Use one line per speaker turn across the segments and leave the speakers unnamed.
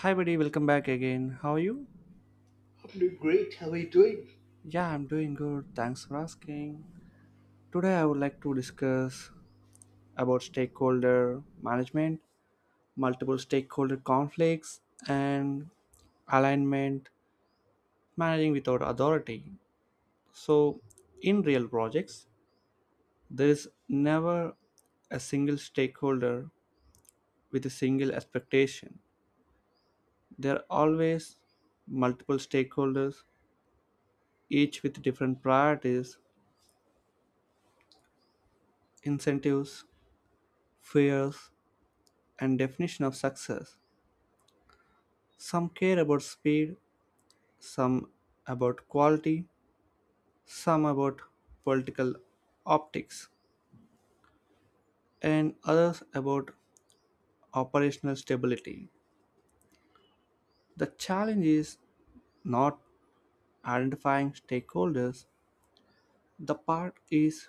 Hi, buddy, welcome back again. How are you?
I'm doing great. How are you doing?
Yeah, I'm doing good. Thanks for asking. Today, I would like to discuss about stakeholder management, multiple stakeholder conflicts, and alignment, managing without authority. So, in real projects, there is never a single stakeholder with a single expectation. There are always multiple stakeholders, each with different priorities, incentives, fears, and definition of success. Some care about speed, some about quality, some about political optics, and others about operational stability. The challenge is not identifying stakeholders, the part is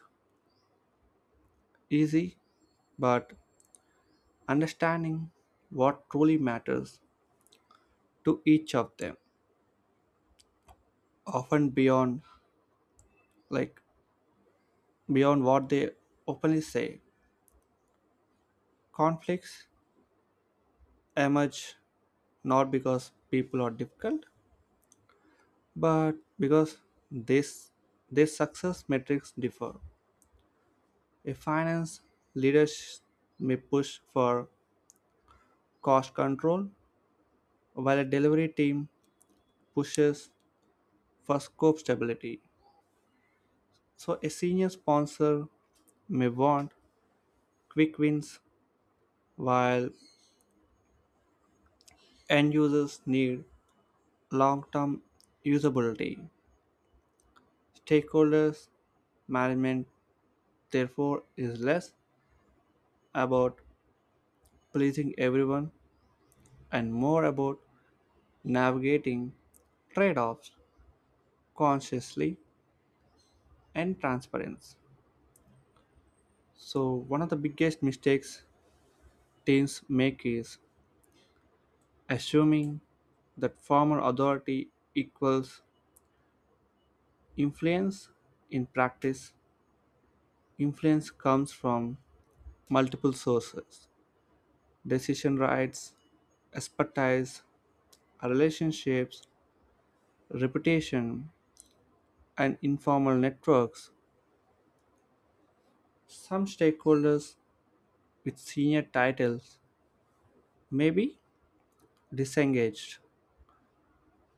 easy, but understanding what truly matters to each of them, often like beyond what they openly say. Conflicts emerge not because people are difficult, but because this their success metrics differ. A finance leader sh- may push for cost control, while a delivery team pushes for scope stability. So a senior sponsor may want quick wins, while end users need long-term usability. Stakeholders management therefore is less about pleasing everyone and more about navigating trade offs consciously and transparency. So, one of the biggest mistakes teens make is assuming that formal authority equals influence. In practice, influence comes from multiple sources: decision rights, expertise, relationships, reputation, and informal networks. Some stakeholders with senior titles may be disengaged,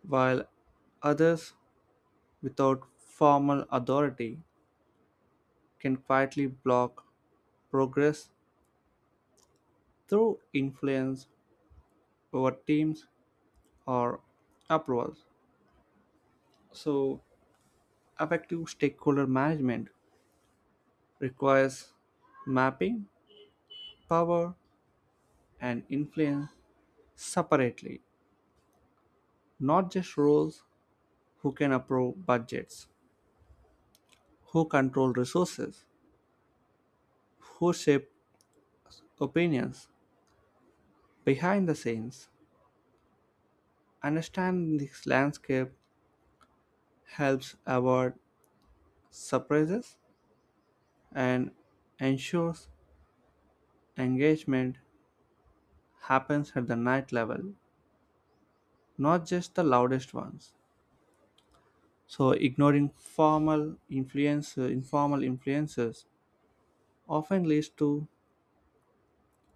while others without formal authority can quietly block progress through influence over teams or approvals. So, effective stakeholder management requires mapping power and influence separately, not just roles: who can approve budgets, who control resources, who shape opinions behind the scenes. Understanding this landscape helps avoid surprises and ensures engagement happens at the night level, not just the loudest ones. So, ignoring formal influence, informal influences often leads to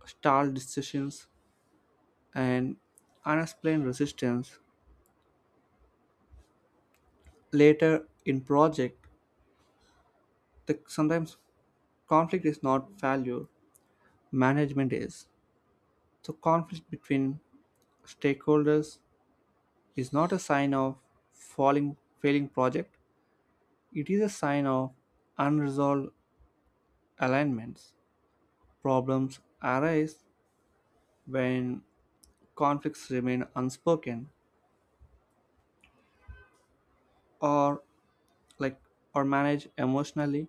stalled decisions and unexplained resistance later in project. The, sometimes conflict is not failure, management is. So conflict between stakeholders is not a sign of falling failing project, it is a sign of unresolved alignments. Problems arise when conflicts remain unspoken or like or managed emotionally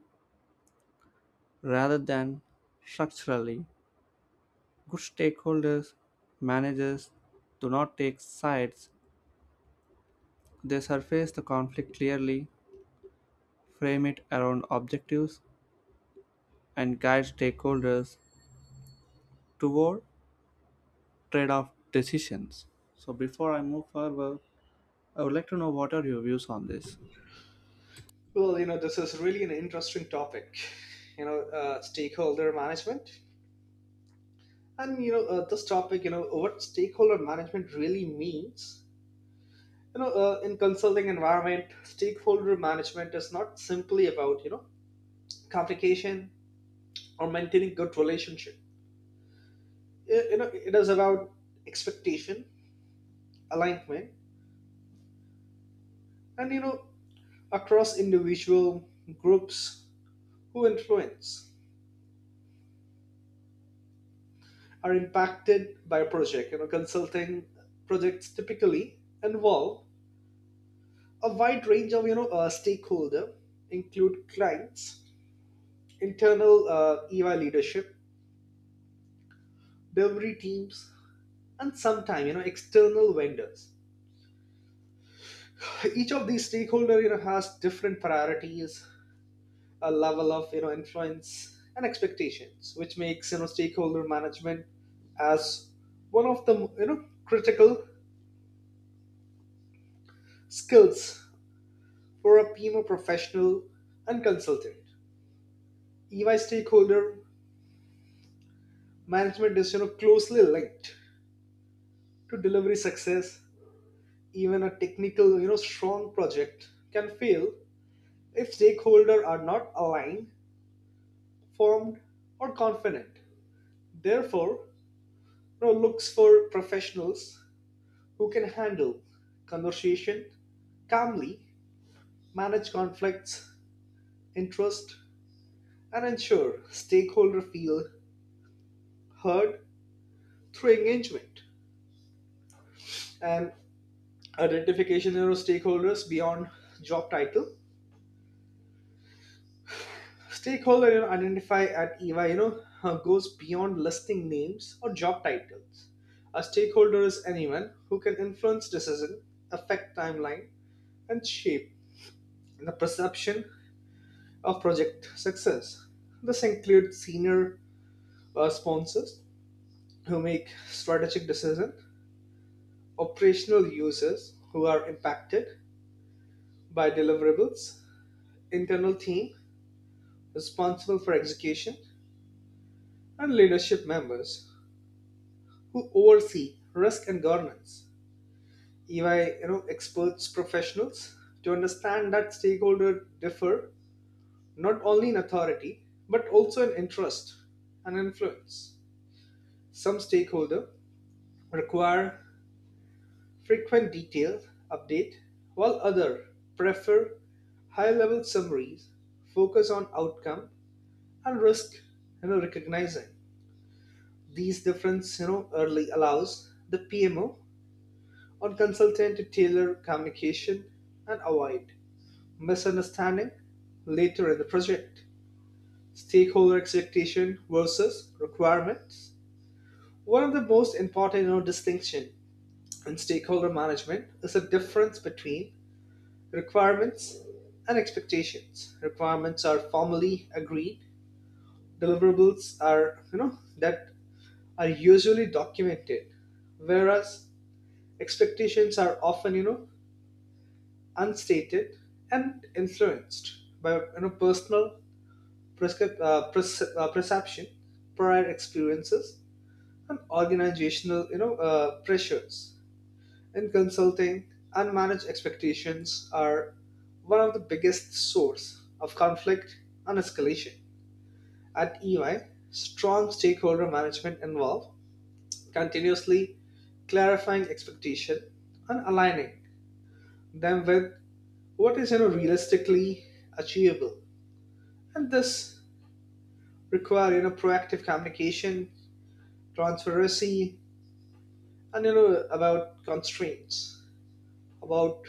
rather than structurally. Good stakeholders managers do not take sides, they surface the conflict clearly, frame it around objectives, and guide stakeholders toward trade off decisions. So, before I move further, I would like to know what are your views on this?
Well, you know, this is really an interesting topic. Stakeholder management, and this topic, what stakeholder management really means. In consulting environment, stakeholder management is not simply about communication or maintaining good relationship. It is about expectation, alignment, and across individual groups who influence. Are impacted by a project. You know, consulting projects typically involve a wide range of stakeholder, include clients, internal EY leadership, delivery teams, and sometimes external vendors. Each of these stakeholder has different priorities, a level of influence and expectations, which makes stakeholder management as one of the critical skills for a PMO professional and consultant. EY stakeholder management is closely linked to delivery success. Even a technical strong project can fail if stakeholders are not aligned, formed, or confident. Therefore, looks for professionals who can handle conversation calmly, manage conflicts, interest, and ensure stakeholders feel heard through engagement. And identification stakeholders beyond job title. Stakeholder identify at eva goes beyond listing names or job titles. A stakeholder is anyone who can influence decision, affect timeline, and shape the perception of project success. This includes senior sponsors who make strategic decisions, operational users who are impacted by deliverables, internal team responsible for execution, and leadership members who oversee risk and governance. EY, experts professionals to understand that stakeholders differ not only in authority but also in interest and influence. Some stakeholder require frequent detailed update, while other prefer high-level summaries, focus on outcome and risk. Recognizing these difference, early allows the PMO or consultant to tailor communication and avoid misunderstanding later in the project. Stakeholder expectation versus requirements. One of the most important distinction in stakeholder management is the difference between requirements and expectations. Requirements are formally agreed. Deliverables are that are usually documented, whereas expectations are often, unstated and influenced by personal perception, prior experiences, and organizational, pressures. In consulting, unmanaged expectations are one of the biggest source of conflict and escalation. At EY, strong stakeholder management involves continuously clarifying expectation and aligning them with what is realistically achievable, and this require proactive communication, transparency, and about constraints, about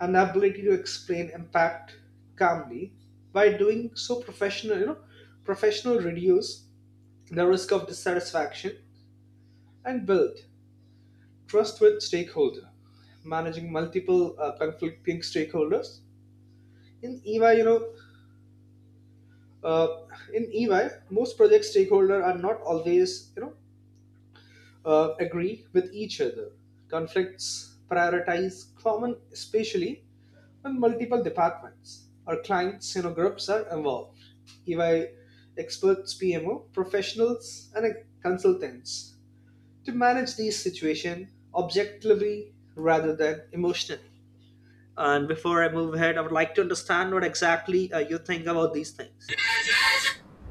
an ability to explain impact calmly. By doing so, professional you know professional reduce the risk of dissatisfaction and build trust with stakeholder. Managing multiple conflicting stakeholders in eva Uh, in EY, most project stakeholders are not always, agree with each other. Conflicts prioritize common, especially when multiple departments or clients, groups are involved. EY experts, PMO, professionals, and consultants to manage these situations objectively rather than emotionally. And before I move ahead, I would like to understand what exactly you think about these things.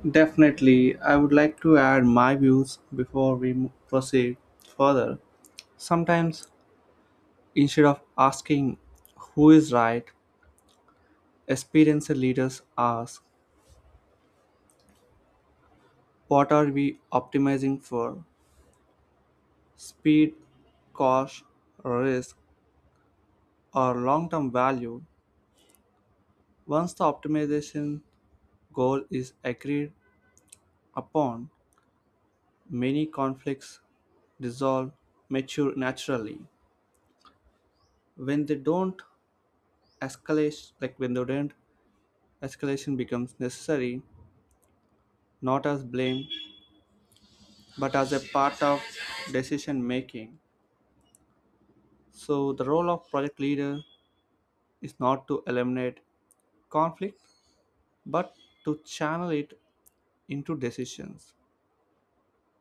Definitely, I would like to add my views before we proceed further. Sometimes, instead of asking who is right, experienced leaders ask what are we optimizing for: speed, cost, risk, or long term value. Once the optimization goal is agreed upon, many conflicts dissolve, mature naturally. When they don't when they don't, escalation becomes necessary, not as blame, but as a part of decision making. So the role of project leader is not to eliminate conflict, but to channel it into decisions.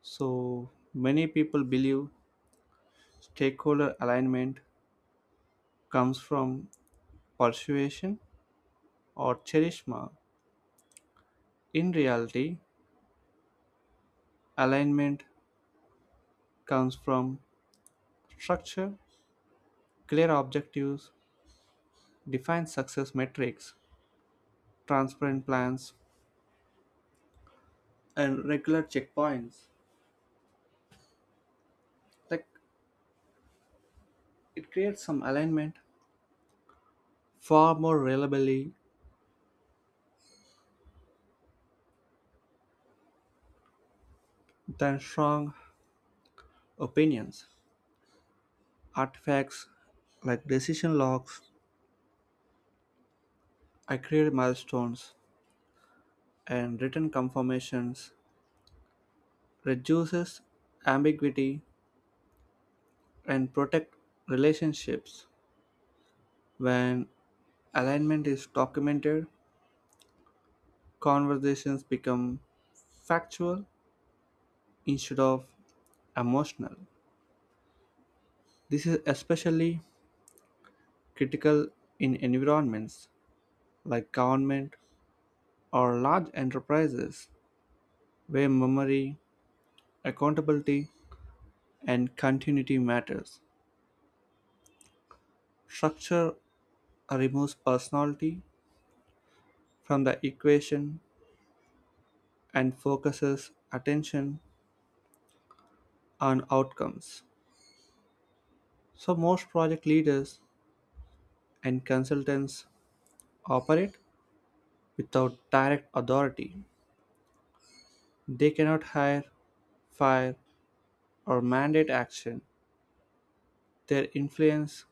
So many people believe stakeholder alignment comes from persuasion or charisma. In reality, alignment comes from structure, clear objectives, defined success metrics, transparent plans, and regular checkpoints. Like it creates some alignment far more reliably than strong opinions. Artifacts like decision logs, accurate milestones, and written confirmations reduces ambiguity and protect relationships. When alignment is documented, conversations become factual instead of emotional. This is especially critical in environments like government or large enterprises where memory, accountability, and continuity matters. Structure removes personality from the equation and focuses attention on outcomes. So most project leaders and consultants operate without direct authority. They cannot hire, fire, or mandate action, their influence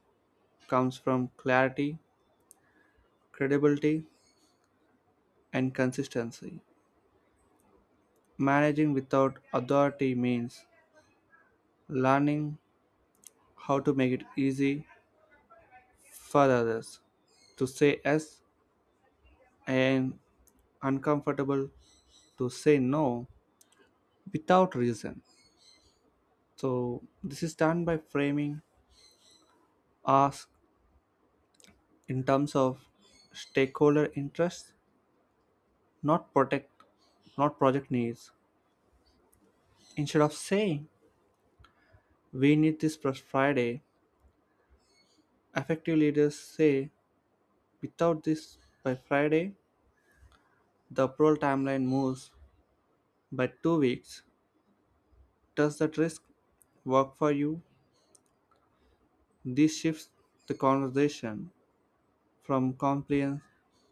comes from clarity, credibility, and consistency. Managing without authority means learning how to make it easy for others to say yes and uncomfortable to say no without reason. So, this is done by framing ask in terms of stakeholder interests, not protect, not project needs. Instead of saying "we need this by Friday," effective leaders say, without this by Friday, the approval timeline moves by 2 weeks. Does that risk work for you? This shifts the conversation from compliance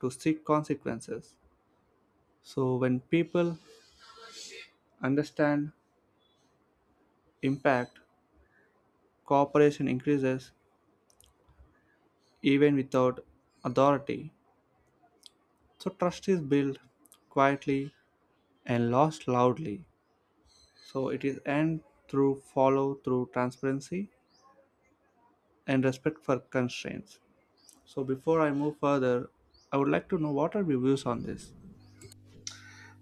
to strict consequences. So, when people understand impact, cooperation increases even without authority. So, trust is built quietly and lost loudly. So it is and through follow through transparency and respect for constraints. So before I move further, I would like to know what are your views on this?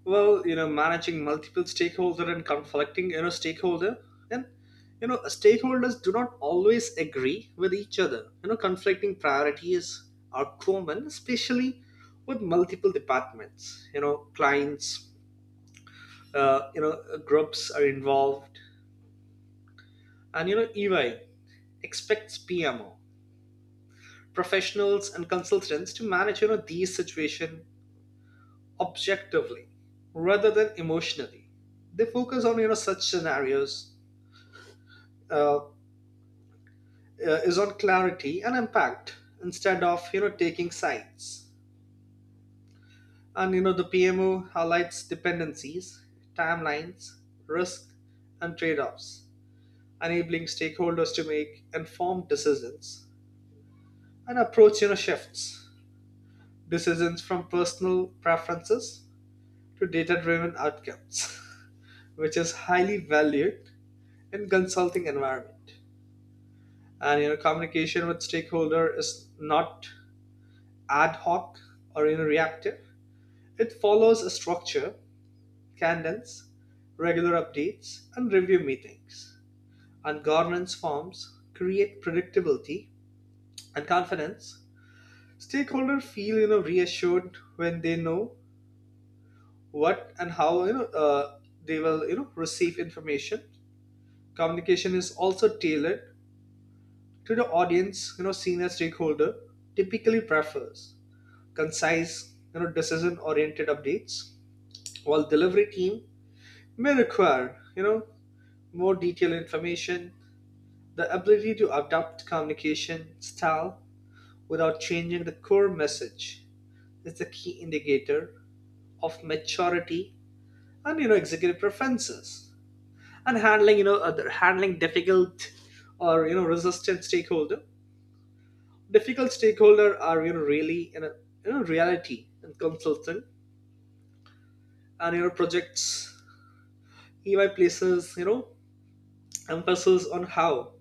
Well, you know, managing multiple stakeholder and conflicting stakeholder, and stakeholders do not always agree with each other. You know, conflicting priorities are common, especially with multiple departments, clients, uh, you know groups are involved. And you know, EY expects PMO professionals and consultants to manage these situation objectively rather than emotionally. They focus on such scenarios, uh, uh, is on clarity and impact instead of taking sides. And you know, the PMO highlights dependencies, timelines, risk, and trade-offs, enabling stakeholders to make informed decisions. And approach shifts decisions from personal preferences to data-driven outcomes, which is highly valued in consulting environment. And you know, communication with stakeholder is not ad hoc or reactive. It follows a structure, cadence, regular updates, and review meetings. And governance forms create predictability and confidence. Stakeholders feel reassured when they know what and how they will receive information. Communication is also tailored to the audience. You know, senior stakeholder typically prefers concise decision oriented updates, while delivery team may require more detailed information. The ability to adapt communication style without changing the core message is the key indicator of maturity and executive preferences. And handling other handling difficult or resistant stakeholder, difficult stakeholder are really in a reality and consultant and projects. EY places emphasis on how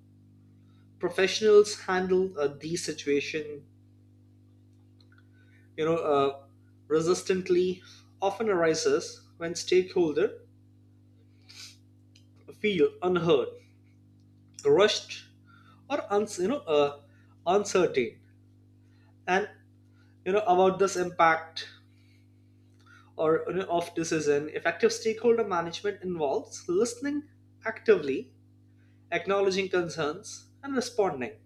professionals handle these situation. you know, uh, resistantly often arises when stakeholder feel unheard, rushed, or uncertain, and about this impact or of decision. Effective stakeholder management involves listening actively, acknowledging concerns, and responding.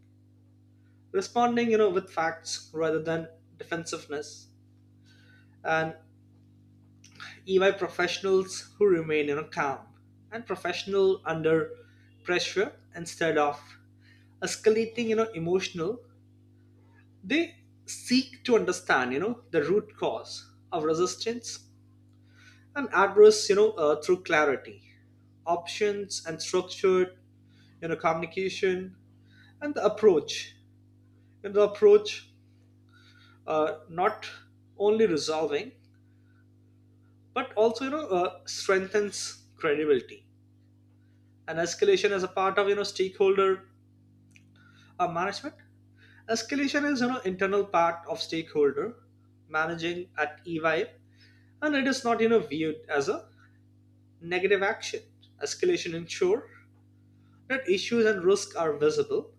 Responding, with facts rather than defensiveness. And EY professionals who remain calm and professional under pressure instead of escalating, emotional, they seek to understand, the root cause of resistance and address, through clarity, options, and structured, communication and the approach. And the approach not only resolving but also strengthens credibility. And escalation as a part of stakeholder management. Escalation is internal part of stakeholder managing at EY, and it is not viewed as a negative action. Escalation ensure that issues and risks are visible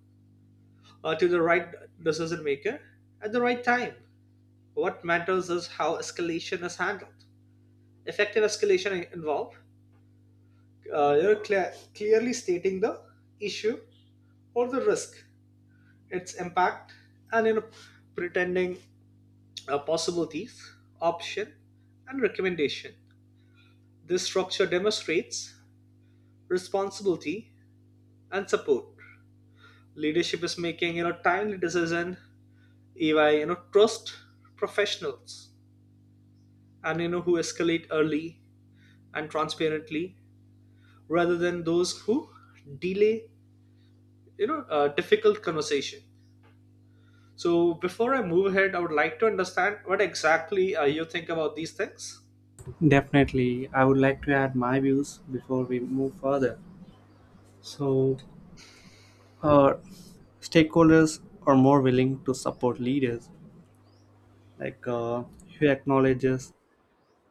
to the right decision maker at the right time. What matters is how escalation is handled. Effective escalation involve clearly stating the issue or the risk, its impact, and pretending possibilities, option, and recommendation. This structure demonstrates responsibility and support. Leadership is making timely decision, if trust professionals and who escalate early and transparently rather than those who delay a difficult conversation. So before I move ahead, I would like to understand what exactly you think about these things.
Definitely, I would like to add my views before we move further. So, uh, stakeholders are more willing to support leaders like uh, who acknowledges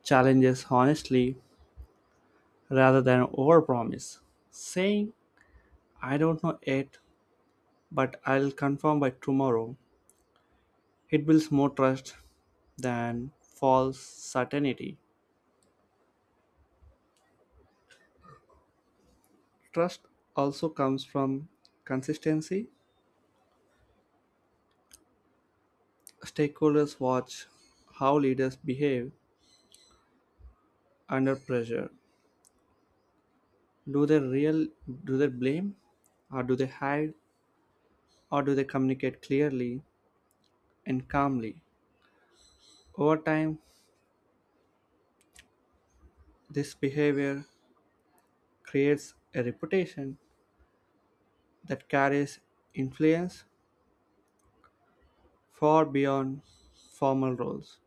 challenges honestly rather than overpromise, saying, "I don't know yet, but I'll confirm by tomorrow." It builds more trust than false certainty. Trust also comes from consistency. Stakeholders watch how leaders behave under pressure. Do they real do they blame, or do they hide, or do they communicate clearly and calmly? Over time, this behavior creates a reputation that carries influence far beyond formal roles.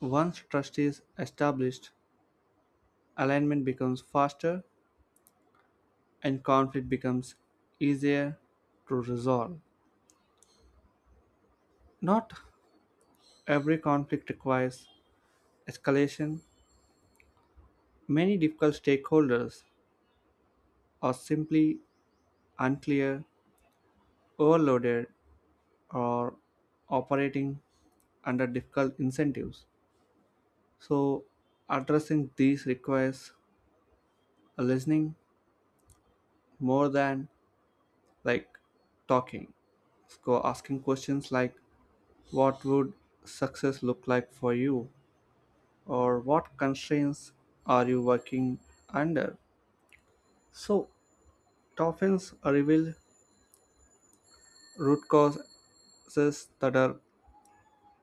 Once trust is established, alignment becomes faster and conflict becomes easier to resolve. Not every conflict requires escalation. Many difficult stakeholders are simply unclear, overloaded, or operating under difficult incentives. So, addressing these requires a listening more than like talking. So, asking questions like, what would success look like for you, or what constraints are you working under? So, it often reveals root causes that are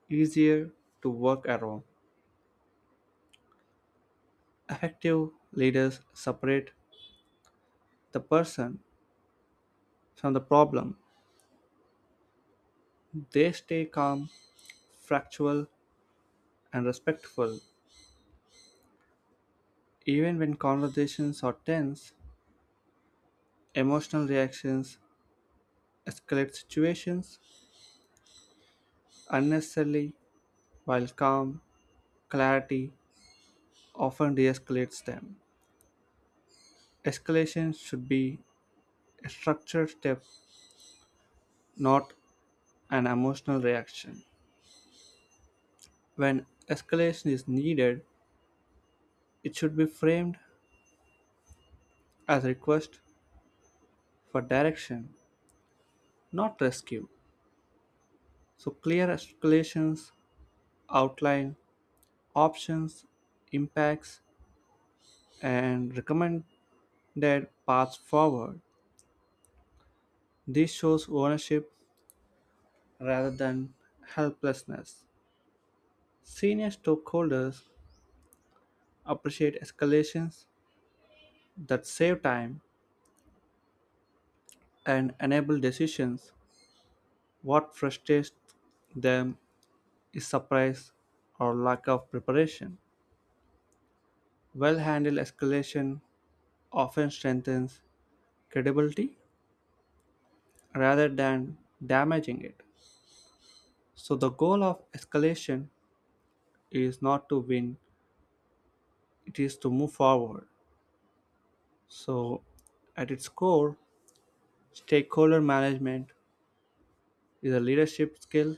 easier to work around. Effective leaders separate the person from the problem. They stay calm, factual, and respectful. Even when conversations are tense, emotional reactions escalate situations unnecessarily, while calm, clarity often de escalates them. Escalation should be a structured step, not an emotional reaction. When escalation is needed, it should be framed as a request for direction, not rescue. So, clear escalations outline options, impacts, and recommended paths forward. This shows ownership rather than helplessness. Senior stockholders appreciate escalations that save time and enable decisions. What frustrates them is surprise or lack of preparation. Well handled escalation often strengthens credibility rather than damaging it. So, the goal of escalation is not to win, it is to move forward. So, at its core, stakeholder management is a leadership skill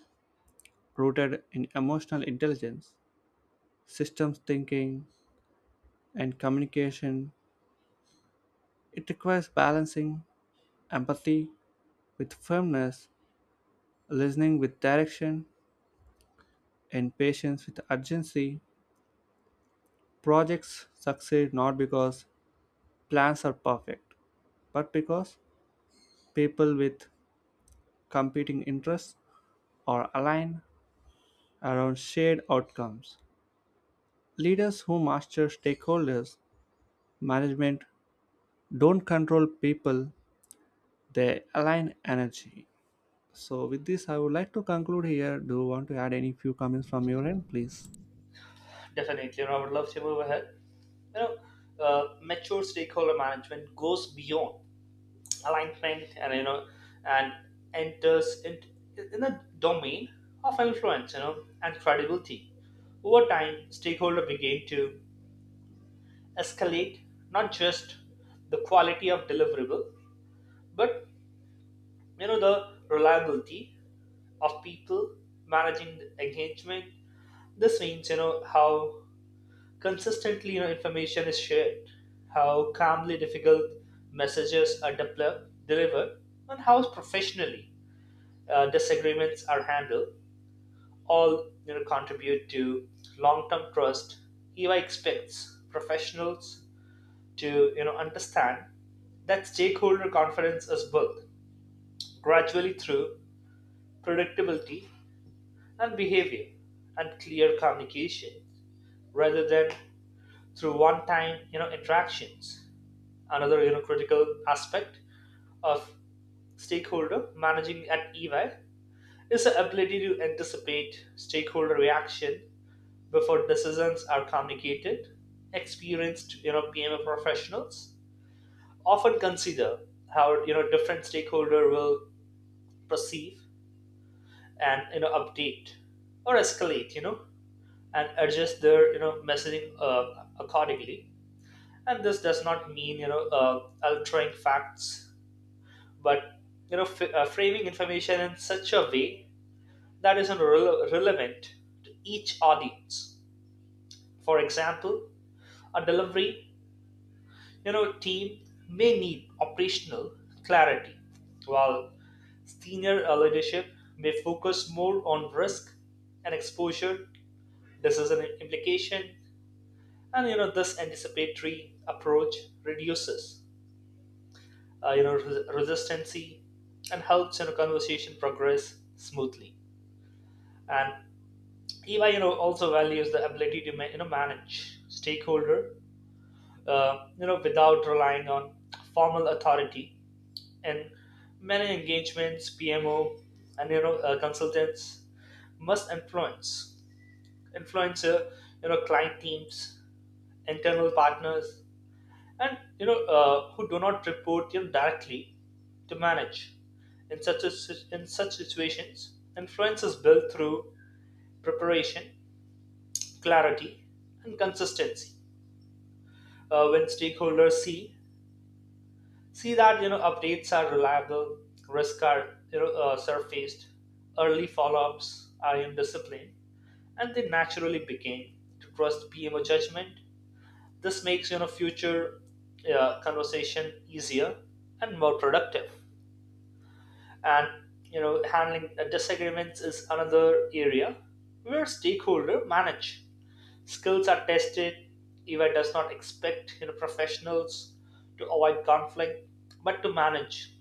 rooted in emotional intelligence, systems thinking, and communication. It requires balancing empathy with firmness, listening with direction, and patience with urgency. Projects succeed not because plans are perfect, but because people with competing interests are aligned around shared outcomes. Leaders who master stakeholders management don't control people, they align energy. So, with this, I would like to conclude here. Do you want to add any few comments from your end, please?
Definitely, and I would love to move ahead. you know mature stakeholder management goes beyond alignment and you know and enters in the domain of influence, and credibility. Over time, stakeholder began to escalate not just the quality of deliverable, but the reliability of people managing the engagement. This means how consistently information is shared, how calmly difficult messages are delivered, and how professionally disagreements are handled, all contribute to long-term trust. EY expects professionals to understand that stakeholder confidence is built gradually through predictability and behavior and clear communication rather than through one-time interactions. Another critical aspect of stakeholder managing at EY is the ability to anticipate stakeholder reaction before decisions are communicated. Experienced PMO professionals often consider how different stakeholder will perceive and update or escalate, and adjust their messaging accordingly. And this does not mean altering facts, but framing information in such a way that is relevant to each audience. For example, a delivery team may need operational clarity, while senior leadership may focus more on risk and exposure, decision implication. And this anticipatory approach reduces resistancy and helps conversation progress smoothly. And EY, also values the ability to manage stakeholder, without relying on formal authority. And many engagements, PMO, and consultants must influence client teams, internal partners, and who do not report directly to manage. In such situations, influence is built through preparation, clarity, and consistency. When stakeholders see that updates are reliable, risks are surfaced, early follow-ups are in discipline, and they naturally begin to trust PMO judgment. This makes future conversation easier and more productive. And handling disagreements is another area where stakeholder manage skills are tested. EY does not expect professionals to avoid conflict, but to manage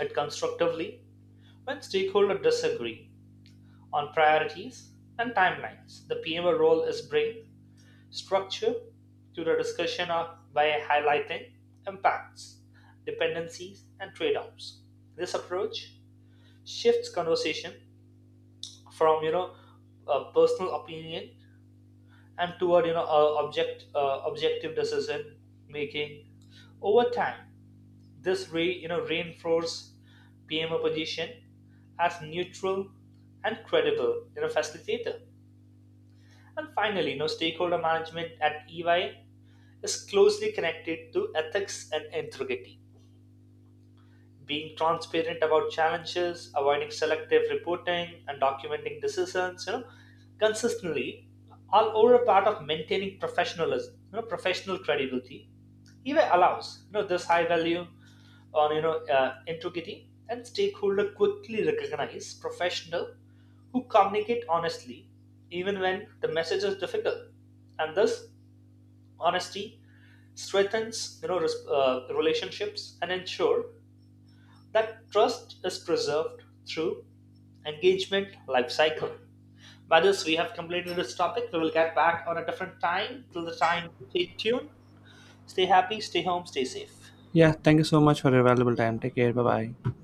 it constructively. When stakeholders disagree on priorities and timelines, the PMO role is bring structure to the discussion by highlighting impacts, dependencies, and trade-offs. This approach shifts conversation from a personal opinion and toward objective decision making. Over time, this re, you know reinforces PMO position as neutral and credible facilitator. And finally, stakeholder management at EY is closely connected to ethics and integrity. Being transparent about challenges, avoiding selective reporting, and documenting decisions, consistently, all over a part of maintaining professionalism, professional credibility. EBay allows this high value on integrity, and stakeholder quickly recognize professional who communicate honestly even when the message is difficult. And this honesty strengthens relationships and ensure that trust is preserved through engagement life cycle. By this, we have completed this topic. We will get back on a different time. Till the time, stay tuned, stay happy, stay home, stay safe.
Yeah, thank you so much for your valuable time. Take care. Bye bye.